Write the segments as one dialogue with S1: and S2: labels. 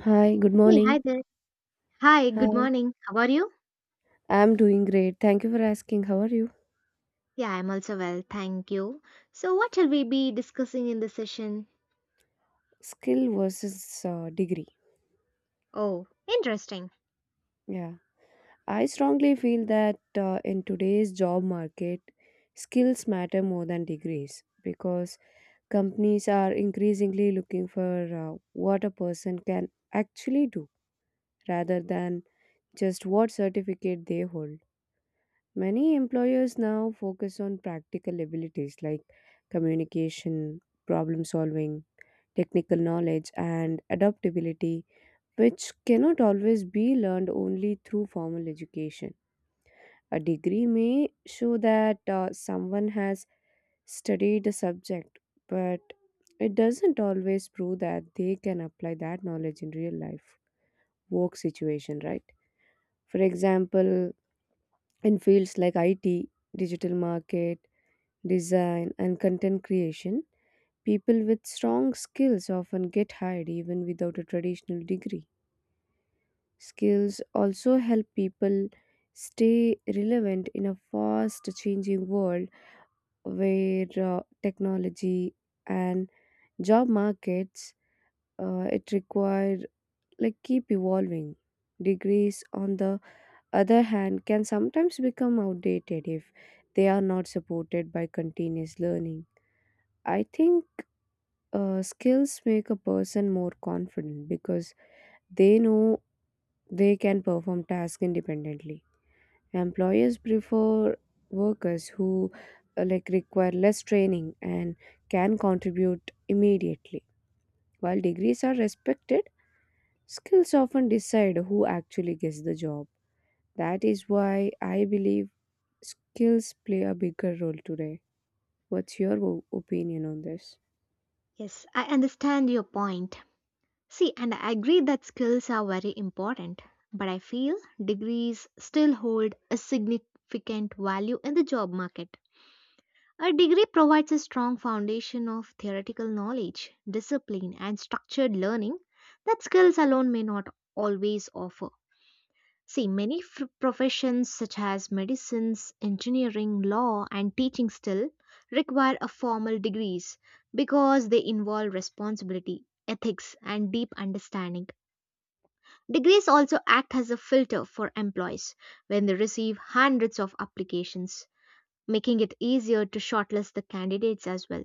S1: Hi, good
S2: Hey, hi
S1: morning.
S2: there. Hi, good
S1: Hi,
S2: morning. How are you?
S1: I'm doing great. Thank you for asking. How are you?
S2: Yeah, I'm also well, thank you. So, what shall we be discussing in this session?
S1: Skill versus degree.
S2: Oh, interesting.
S1: Yeah, I strongly feel that in today's job market, skills matter more than degrees because companies are increasingly looking for what a person can actually do rather than just what certificate they hold. Many employers now focus on practical abilities like communication, problem solving, technical knowledge, and adaptability, which cannot always be learned only through formal education. A degree may show that someone has studied a subject, but it doesn't always prove that they can apply that knowledge in real life work situation, right? For example, in fields like IT, digital market, design, and content creation, people with strong skills often get hired even without a traditional degree. Skills also help people stay relevant in a fast changing world where technology and job markets it require like keep evolving. Degrees on the other hand can sometimes become outdated if they are not supported by continuous learning. I think skills make a person more confident because they know they can perform tasks independently. Employers prefer workers who like require less training and can contribute immediately. While degrees are respected, skills often decide who actually gets the job. That is why I believe skills play a bigger role today. What's your opinion on this?
S2: Yes, I understand your point. See, and I agree that skills are very important, but I feel degrees still hold a significant value in the job market. A degree provides a strong foundation of theoretical knowledge, discipline, and structured learning that skills alone may not always offer. See, many professions such as medicines, engineering, law, and teaching still require a formal degrees because they involve responsibility, ethics, and deep understanding. Degrees also act as a filter for employees when they receive hundreds of applications, making it easier to shortlist the candidates as well.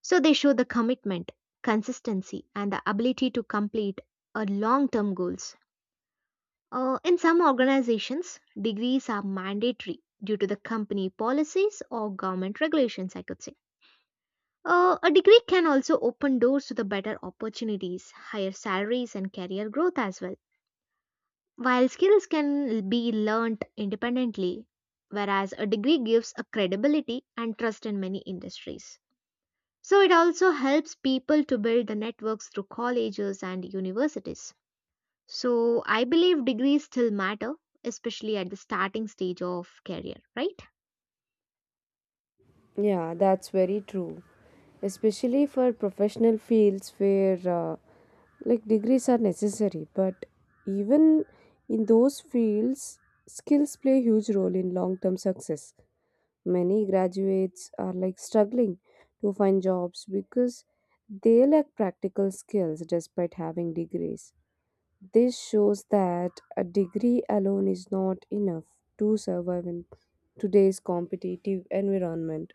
S2: So they show the commitment, consistency, and the ability to complete a long-term goals. In some organizations, degrees are mandatory due to the company policies or government regulations, I could say. A degree can also open doors to the better opportunities, higher salaries, and career growth as well. While skills can be learnt independently, whereas a degree gives a credibility and trust in many industries. So it also helps people to build the networks through colleges and universities. So I believe degrees still matter, especially at the starting stage of career, right?
S1: Yeah, that's very true. Especially for professional fields where like degrees are necessary, but even in those fields, skills play a huge role in long-term success. Many graduates are like struggling to find jobs because they lack practical skills despite having degrees. This shows that a degree alone is not enough to survive in today's competitive environment.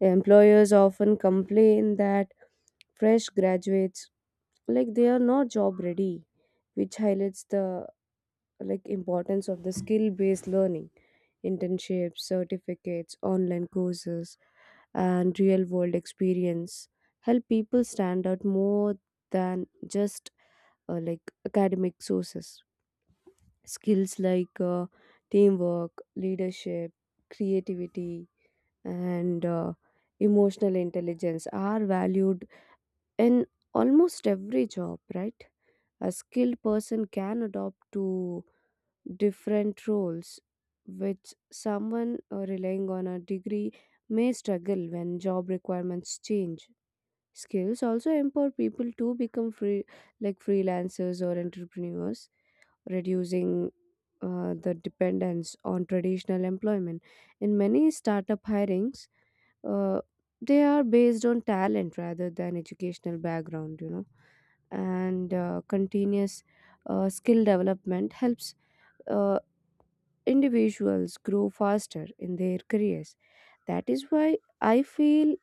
S1: Employers often complain that fresh graduates like they are not job ready, which highlights the like importance of the skill based learning, internships, certificates, online courses, and real world experience help people stand out more than just like academic sources. Skills like teamwork, leadership, creativity, and emotional intelligence are valued in almost every job, right? A skilled person can adopt to different roles, which someone relying on a degree may struggle when job requirements change. Skills also empower people to become free, like freelancers or entrepreneurs, reducing the dependence on traditional employment. In many startup hirings, uh, they are based on talent rather than educational background, and continuous skill development helps uh, individuals grow faster in their careers. That is why I feel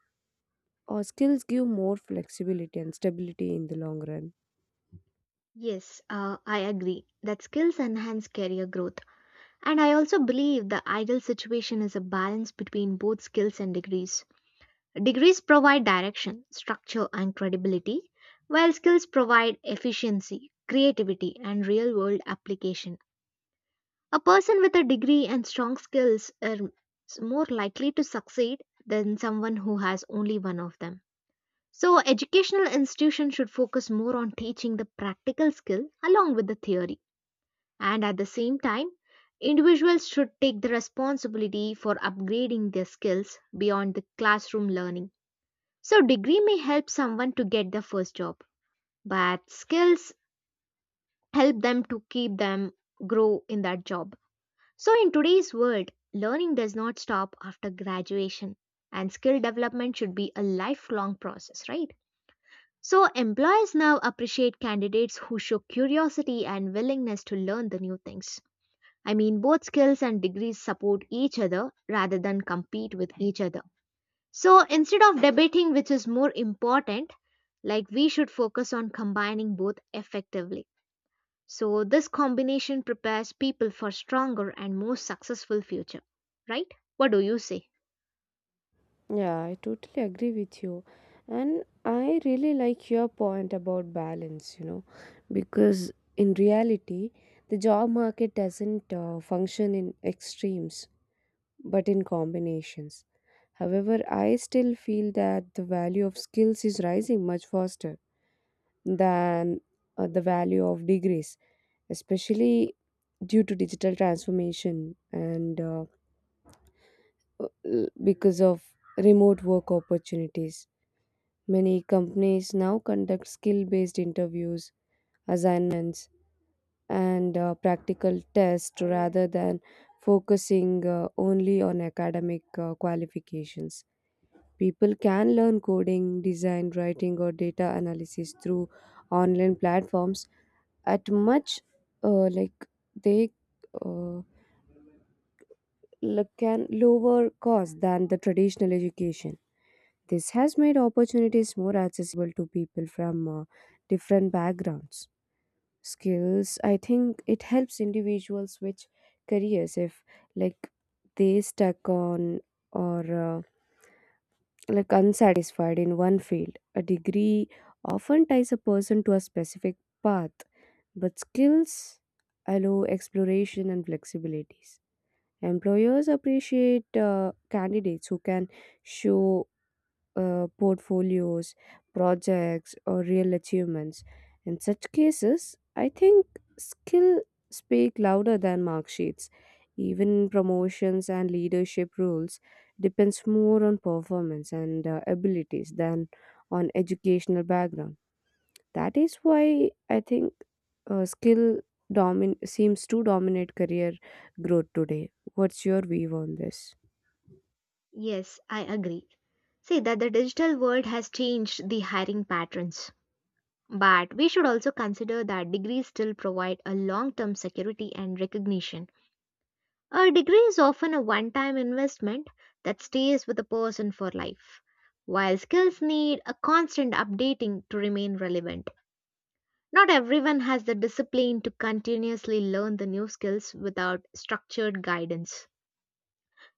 S1: skills give more flexibility and stability in the long run.
S2: Yes, I agree that skills enhance career growth. And I also believe the ideal situation is a balance between both skills and degrees. Degrees provide direction, structure, and credibility, while skills provide efficiency, creativity, and real world application. A person with a degree and strong skills are more likely to succeed than someone who has only one of them. So, educational institutions should focus more on teaching the practical skill along with the theory. And at the same time, individuals should take the responsibility for upgrading their skills beyond the classroom learning. So, degree may help someone to get their first job, but skills help them to keep them grow in that job. So, in today's world, learning does not stop after graduation, and skill development should be a lifelong process, right? So, employers now appreciate candidates who show curiosity and willingness to learn the new things. I mean, both skills and degrees support each other rather than compete with each other. So, instead of debating which is more important, like we should focus on combining both effectively. So, this combination prepares people for stronger and more successful future, right? What do you say?
S1: Yeah, I totally agree with you. And I really like your point about balance, you know, because in reality, the job market doesn't function in extremes, but in combinations. However, I still feel that the value of skills is rising much faster than the value of degrees, especially due to digital transformation and because of remote work opportunities. Many companies now conduct skill based interviews, assignments, and practical tests rather than focusing only on academic qualifications. People can learn coding, design, writing, or data analysis through online platforms at much uh, like they uh, like can lower cost than the traditional education. This has made opportunities more accessible to people from different backgrounds. Skills, I think it helps individuals switch careers if like they stuck on or like unsatisfied in one field. A degree often ties a person to a specific path, but skills allow exploration and flexibilities. Employers appreciate candidates who can show portfolios, projects, or real achievements. In such cases, I think skill speak louder than mark sheets. Even promotions and leadership roles depends more on performance and abilities than on educational background. That is why I think skill domin seems to dominate career growth today. What's your view on this?
S2: Yes, I agree. See that the digital world has changed the hiring patterns. But we should also consider that degrees still provide a long term security and recognition. A degree is often a one time investment that stays with a person for life, while skills need a constant updating to remain relevant. Not everyone has the discipline to continuously learn the new skills without structured guidance.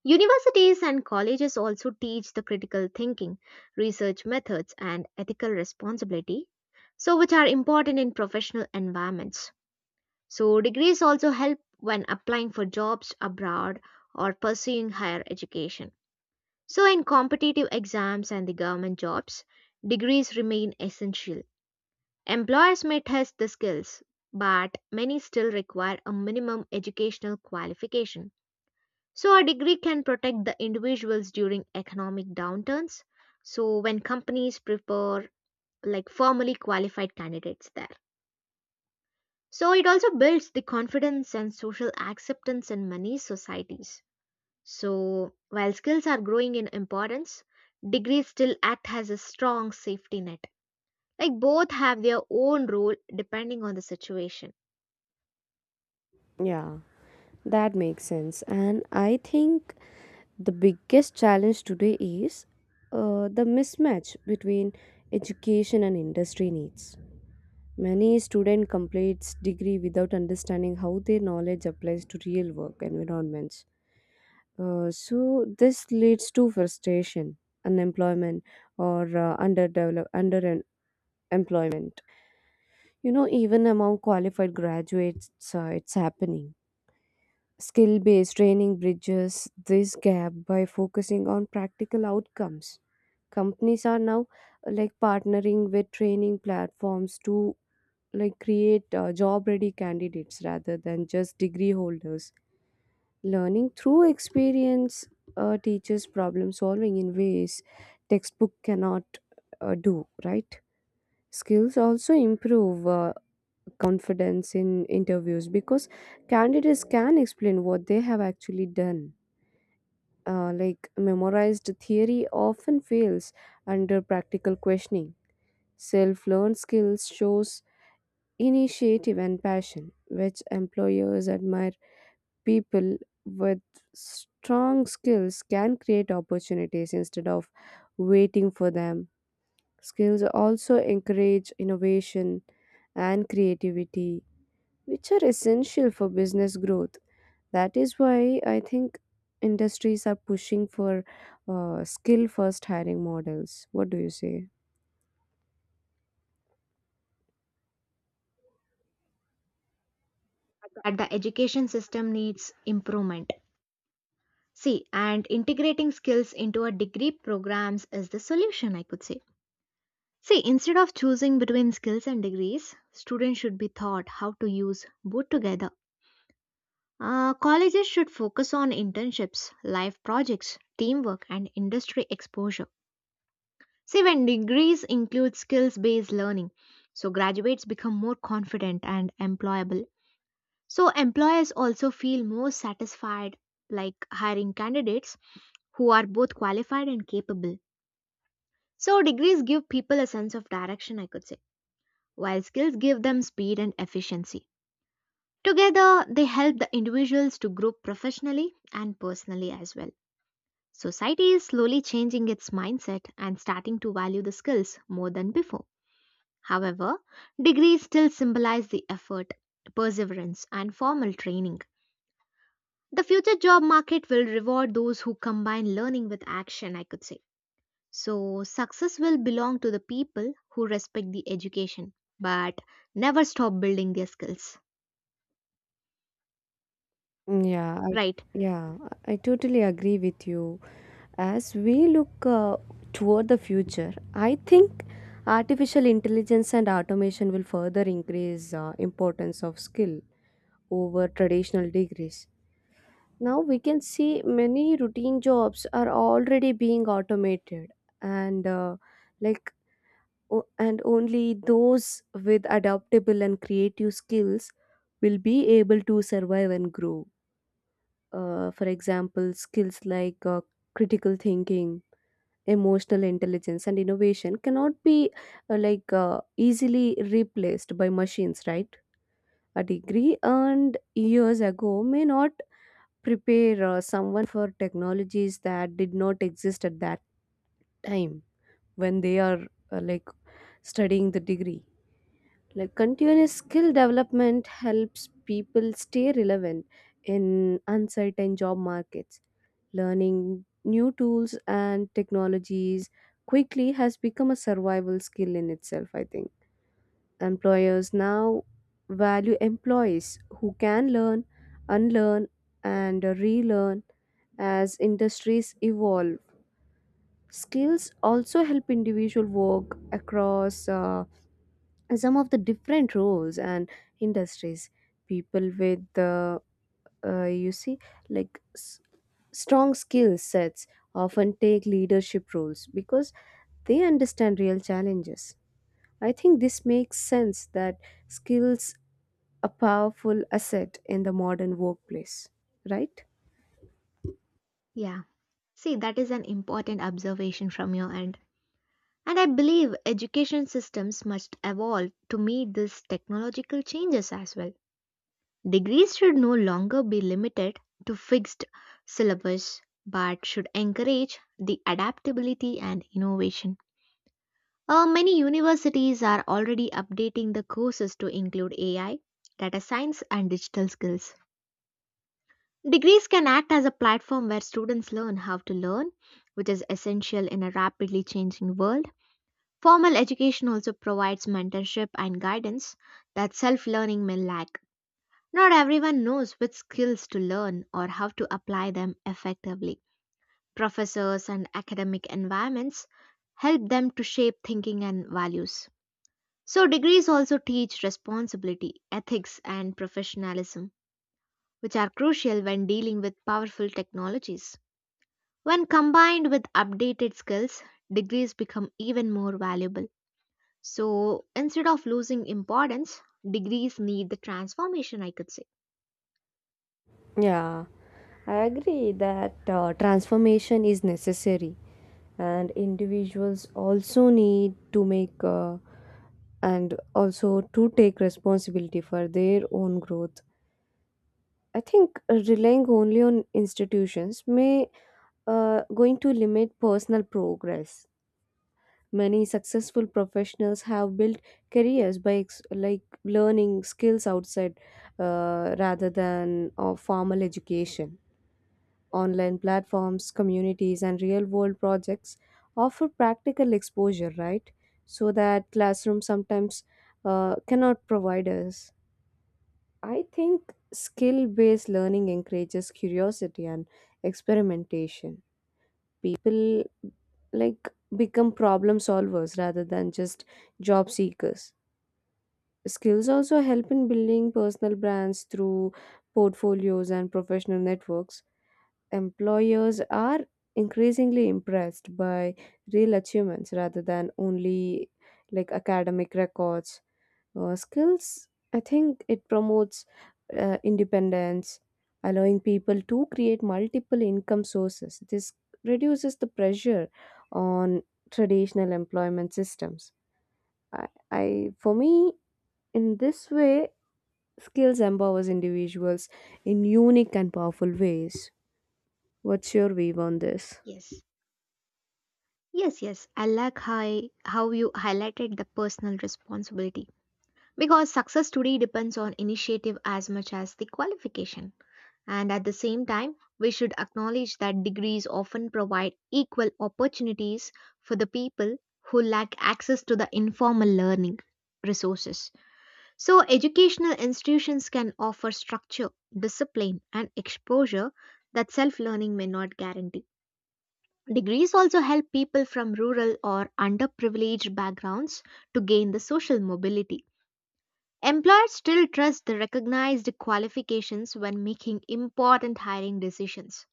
S2: Universities and colleges also teach the critical thinking, research methods, and ethical responsibility, so which are important in professional environments. So degrees also help when applying for jobs abroad or pursuing higher education. So in competitive exams and the government jobs, degrees remain essential. Employers may test the skills, but many still require a minimum educational qualification. So, a degree can protect the individuals during economic downturns. So, when companies prefer like formally qualified candidates there. So, it also builds the confidence and social acceptance in many societies. So, while skills are growing in importance, degrees still act as a strong safety net. Like, both have their own role depending on the situation.
S1: Yeah. That makes sense. And I think the biggest challenge today is the mismatch between education and industry needs. Many student completes degree without understanding how their knowledge applies to real work environments. So this leads to frustration, unemployment, or underdevelop underemployment. You know, even among qualified graduates, it's happening. Skill based training bridges this gap by focusing on practical outcomes. Companies are now like partnering with training platforms to like create job ready candidates rather than just degree holders. Learning through experience teaches problem solving in ways textbook cannot do, right? Skills also improve confidence in interviews because candidates can explain what they have actually done. Like memorized theory often fails under practical questioning. Self-learned skills shows initiative and passion, which employers admire. People with strong skills can create opportunities instead of waiting for them. Skills also encourage innovation and creativity, which are essential for business growth. That is why I think industries are pushing for skill first hiring models. What do you say?
S2: But the education system needs improvement. See, and integrating skills into a degree programs is the solution, I could say. See, instead of choosing between skills and degrees, students should be taught how to use both together. Colleges should focus on internships, life projects, teamwork, and industry exposure. See, when degrees include skills based learning, so graduates become more confident and employable. So, employers also feel more satisfied like hiring candidates who are both qualified and capable. So, degrees give people a sense of direction, I could say, while skills give them speed and efficiency. Together, they help the individuals to grow professionally and personally as well. Society is slowly changing its mindset and starting to value the skills more than before. However, degrees still symbolize the effort, perseverance, and formal training. The future job market will reward those who combine learning with action, I could say. So, success will belong to the people who respect the education but never stop building their skills.
S1: Yeah, I
S2: Right?
S1: yeah, I totally agree with you. As we look toward the future, I think artificial intelligence and automation will further increase importance of skill over traditional degrees. Now we can see many routine jobs are already being automated, and like only those with adaptable and creative skills will be able to survive and grow. For example, skills like critical thinking, emotional intelligence, and innovation cannot be easily replaced by machines, right? A degree earned years ago may not prepare someone for technologies that did not exist at that time when they are like studying the degree. Like continuous skill development helps people stay relevant in uncertain job markets. Learning new tools and technologies quickly has become a survival skill in itself, I think. Employers now value employees who can learn, unlearn, and relearn as industries evolve. Skills also help individual work across some of the different roles and industries. People with uh, you see like s- strong skill sets often take leadership roles because they understand real challenges. I think this makes sense that skills a powerful asset in the modern workplace, right?
S2: Yeah. See, that is an important observation from your end. And I believe education systems must evolve to meet these technological changes as well. Degrees should no longer be limited to fixed syllabus but should encourage the adaptability and innovation. Many universities are already updating the courses to include AI, data science, and digital skills. Degrees can act as a platform where students learn how to learn, which is essential in a rapidly changing world. Formal education also provides mentorship and guidance that self learning may lack. Not everyone knows which skills to learn or how to apply them effectively. Professors and academic environments help them to shape thinking and values. So, degrees also teach responsibility, ethics, and professionalism, which are crucial when dealing with powerful technologies. When combined with updated skills, degrees become even more valuable. So, instead of losing importance, degrees need the transformation, I could say.
S1: Yeah, I agree that transformation is necessary, and individuals also need to make and also to take responsibility for their own growth. I think relying only on institutions may going to limit personal progress. Many successful professionals have built careers by like learning skills outside rather than of formal education. Online platforms, communities, and real world projects offer practical exposure, right? So that classroom sometimes cannot provide us. I think skill based learning encourages curiosity and experimentation. People like become problem solvers rather than just job seekers. Skills also help in building personal brands through portfolios and professional networks. Employers are increasingly impressed by real achievements rather than only like academic records. Skills, I think it promotes independence, allowing people to create multiple income sources. This reduces the pressure on traditional employment systems. I for me, in this way, skills empowers individuals in unique and powerful ways. What's your view on this?
S2: Yes. Yes, yes. I like how you highlighted the personal responsibility because success today depends on initiative as much as the qualification. And at the same time, we should acknowledge that degrees often provide equal opportunities for the people who lack access to the informal learning resources. So, educational institutions can offer structure, discipline, and exposure that self learning may not guarantee. Degrees also help people from rural or underprivileged backgrounds to gain the social mobility. Employers still trust the recognized qualifications when making important hiring decisions.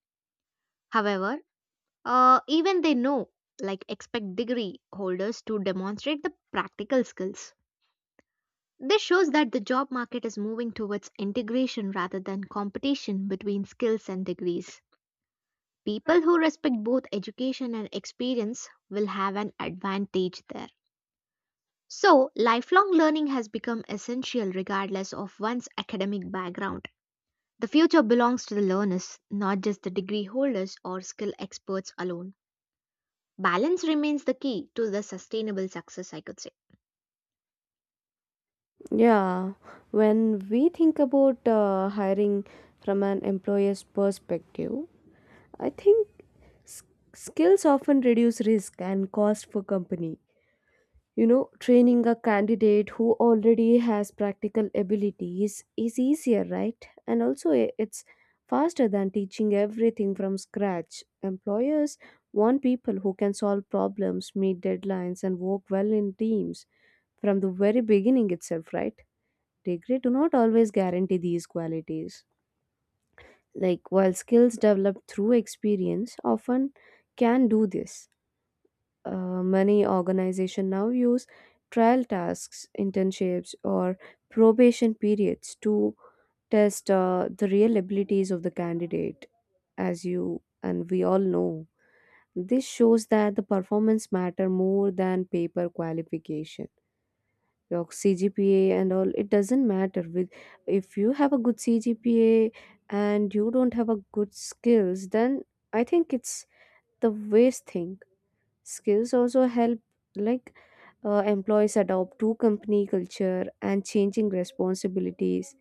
S2: However, even they know, like expect degree holders to demonstrate the practical skills. This shows that the job market is moving towards integration rather than competition between skills and degrees. People who respect both education and experience will have an advantage there. So, lifelong learning has become essential regardless of one's academic background. The future belongs to the learners, not just the degree holders or skill experts alone. Balance remains the key to the sustainable success, I could say.
S1: Yeah, when we think about hiring from an employer's perspective, I think s- skills often reduce risk and cost for company. You know, training a candidate who already has practical abilities is easier, right? And also, it's faster than teaching everything from scratch. Employers want people who can solve problems, meet deadlines, and work well in teams from the very beginning itself, right? Degree do not always guarantee these qualities, like while skills developed through experience often can do this. Many organizations now use trial tasks, internships, or probation periods to test the real abilities of the candidate, as you and we all know. This shows that the performance matter more than paper qualification. Your CGPA and all it doesn't matter with. If you have a good CGPA and you don't have a good skills, then I think it's the waste thing. Skills also help like employees adopt to company culture and changing responsibilities.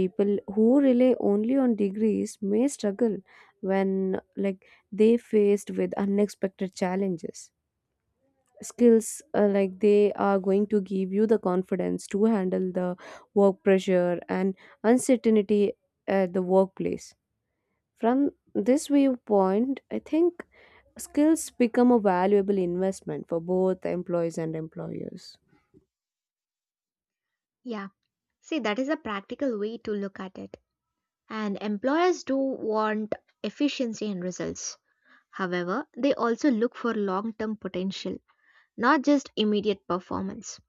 S1: People who rely only on degrees may struggle when like they faced with unexpected challenges. Skills like they are going to give you the confidence to handle the work pressure and uncertainty at the workplace. From this viewpoint, I think skills become a valuable investment for both employees and employers.
S2: Yeah. See, that is a practical way to look at it. And employers do want efficiency and results. However, they also look for long term potential, not just immediate performance.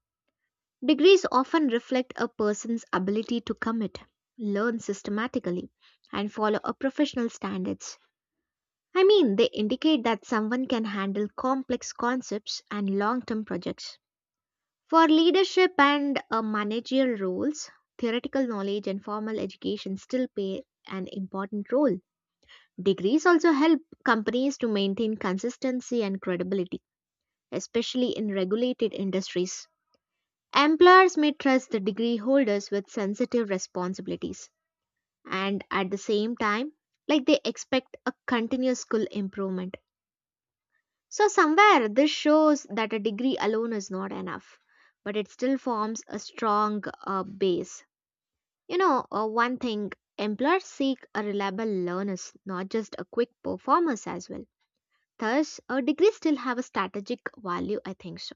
S2: Degrees often reflect a person's ability to commit, learn systematically, and follow a professional standards. I mean, they indicate that someone can handle complex concepts and long term projects. For leadership and managerial roles, theoretical knowledge and formal education still play an important role. Degrees also help companies to maintain consistency and credibility, especially in regulated industries. Employers may trust the degree holders with sensitive responsibilities, and at the same time, like they expect a continuous skill improvement. So, somewhere this shows that a degree alone is not enough, but it still forms a strong base. You know, one thing employers seek a reliable learners, not just a quick performers as well. Thus, a degree still have a strategic value, I think so.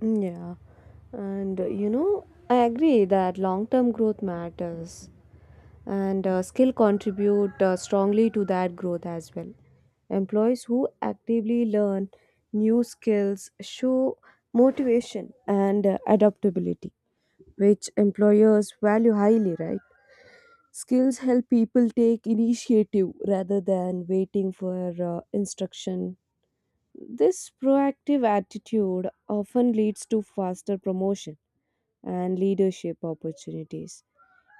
S1: Yeah, and you know, I agree that long term growth matters and skill contribute strongly to that growth as well. Employees who actively learn new skills show motivation and adaptability, which employers value highly, right? Skills help people take initiative rather than waiting for instruction. This proactive attitude often leads to faster promotion and leadership opportunities.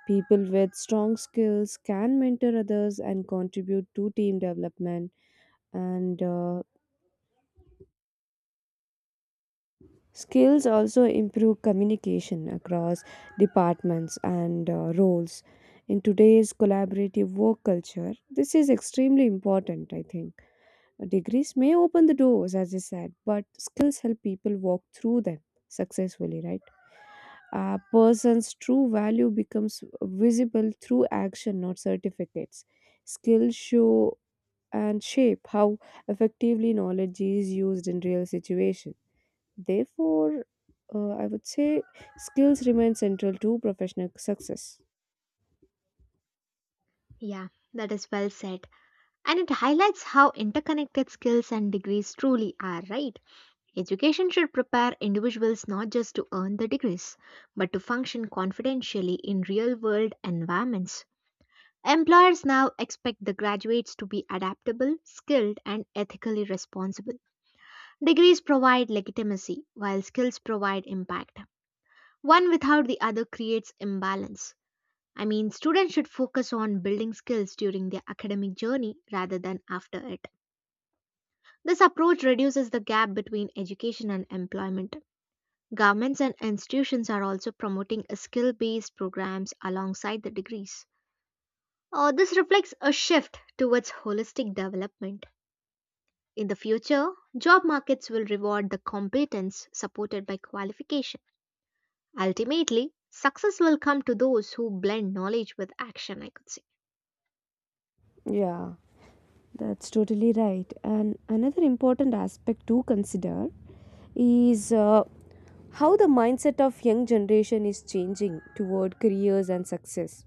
S1: People with strong skills can mentor others and contribute to team development, and skills also improve communication across departments and roles. In today's collaborative work culture, this is extremely important, I think. Degrees may open the doors, as I said, but skills help people walk through them successfully, right? A person's true value becomes visible through action, not certificates. Skills show and shape how effectively knowledge is used in real situations. Therefore, I would say skills remain central to professional success.
S2: Yeah, that is well said. And it highlights how interconnected skills and degrees truly are, right? Education should prepare individuals not just to earn the degrees, but to function confidentially in real world environments. Employers now expect the graduates to be adaptable, skilled, and ethically responsible. Degrees provide legitimacy, while skills provide impact. One without the other creates imbalance. I mean, students should focus on building skills during their academic journey rather than after it. This approach reduces the gap between education and employment. Governments and institutions are also promoting skill based programs alongside the degrees. This reflects a shift towards holistic development. In the future, job markets will reward the competence supported by qualification. Ultimately, success will come to those who blend knowledge with action, I could say.
S1: Yeah. That's totally right. And another important aspect to consider is how the mindset of young generation is changing toward careers and success.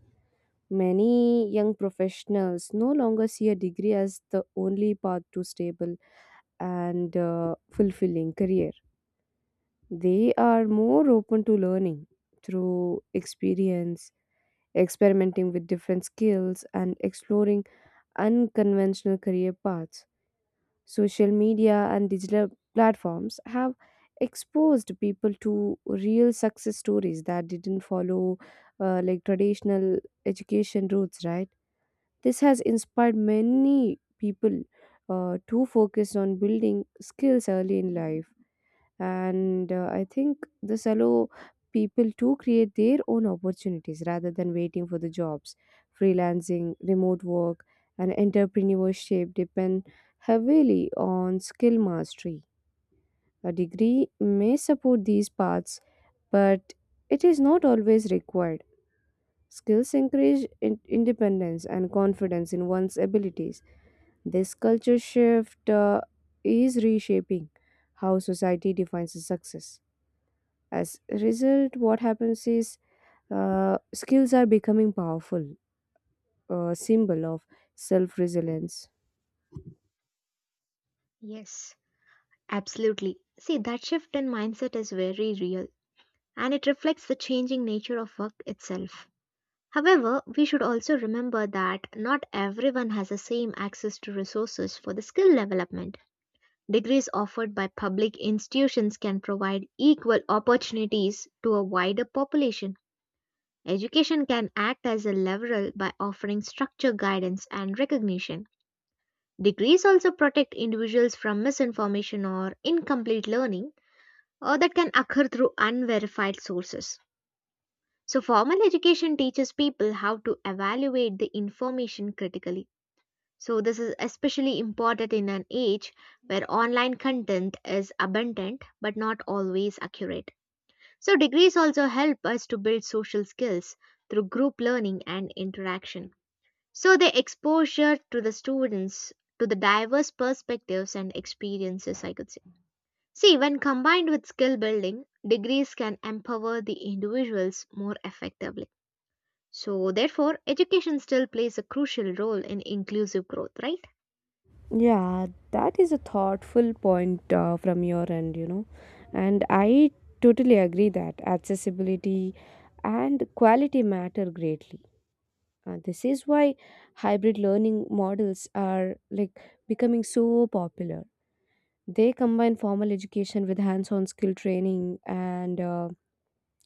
S1: Many young professionals no longer see a degree as the only path to stable and fulfilling career. They are more open to learning through experience, experimenting with different skills, and exploring unconventional career paths. Social media and digital platforms have exposed people to real success stories that didn't follow like traditional education routes, right? This has inspired many people to focus on building skills early in life, and I think this allow people to create their own opportunities rather than waiting for the jobs. Freelancing, remote work, and entrepreneurship depend heavily on skill mastery. A degree may support these paths, but it is not always required. Skills encourage independence and confidence in one's abilities. This culture shift is reshaping how society defines success. As a result, what happens is skills are becoming powerful, a symbol of self resilience.
S2: Yes, absolutely. See, that shift in mindset is very real and it reflects the changing nature of work itself. However, we should also remember that not everyone has the same access to resources for the skill development. Degrees offered by public institutions can provide equal opportunities to a wider population. Education can act as a leveler by offering structure, guidance, and recognition. Degrees also protect individuals from misinformation or incomplete learning or that can occur through unverified sources. So, formal education teaches people how to evaluate the information critically. So, this is especially important in an age where online content is abundant but not always accurate. So, degrees also help us to build social skills through group learning and interaction. So the exposure to the students to the diverse perspectives and experiences, I could say. See, when combined with skill building, degrees can empower the individuals more effectively. So, therefore, education still plays a crucial role in inclusive growth, right?
S1: Yeah, that is a thoughtful point from your end, you know. And I totally agree that accessibility and quality matter greatly. This is why hybrid learning models are like becoming so popular. They combine formal education with hands-on skill training and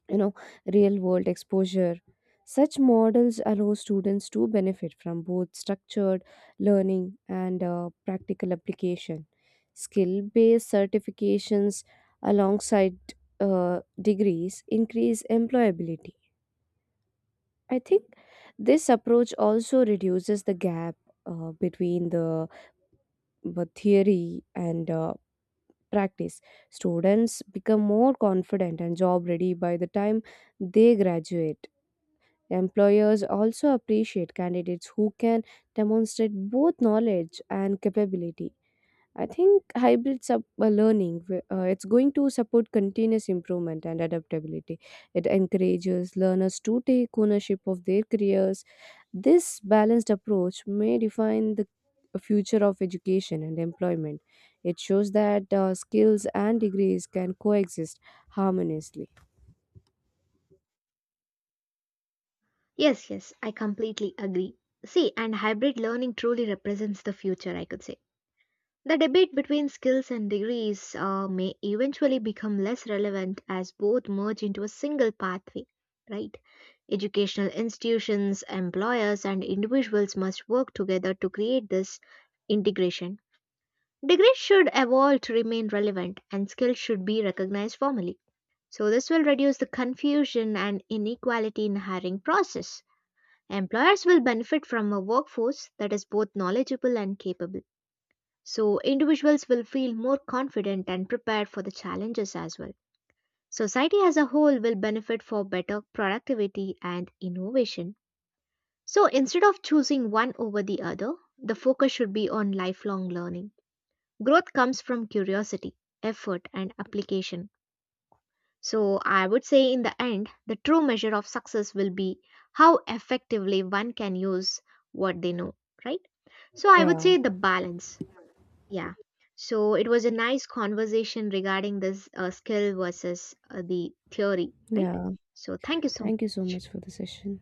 S1: you know, real-world exposure. Such models allow students to benefit from both structured learning and practical application. Skill-based certifications alongside degrees increase employability. I think this approach also reduces the gap between the theory and practice. Students become more confident and job ready by the time they graduate. Employers also appreciate candidates who can demonstrate both knowledge and capability. I think hybrid sub learning it's going to support continuous improvement and adaptability. It encourages learners to take ownership of their careers. This balanced approach may define the future of education and employment. It shows that skills and degrees can coexist harmoniously.
S2: Yes, yes, I completely agree. See, and hybrid learning truly represents the future, I could say. The debate between skills and degrees may eventually become less relevant as both merge into a single pathway, right? Educational institutions, employers, and individuals must work together to create this integration. Degrees should evolve to remain relevant, and skills should be recognized formally. So this will reduce the confusion and inequality in hiring process. Employers will benefit from a workforce that is both knowledgeable and capable. So individuals will feel more confident and prepared for the challenges as well. Society as a whole will benefit for better productivity and innovation. So instead of choosing one over the other, the focus should be on lifelong learning. Growth comes from curiosity, effort, and application. So I would say in the end, the true measure of success will be how effectively one can use what they know, right? So I would
S1: Yeah,
S2: say the balance. Yeah. So it was a nice conversation regarding this skill versus the theory, right?
S1: yeah.
S2: So thank you so
S1: Thank you so
S2: much.
S1: much for the session.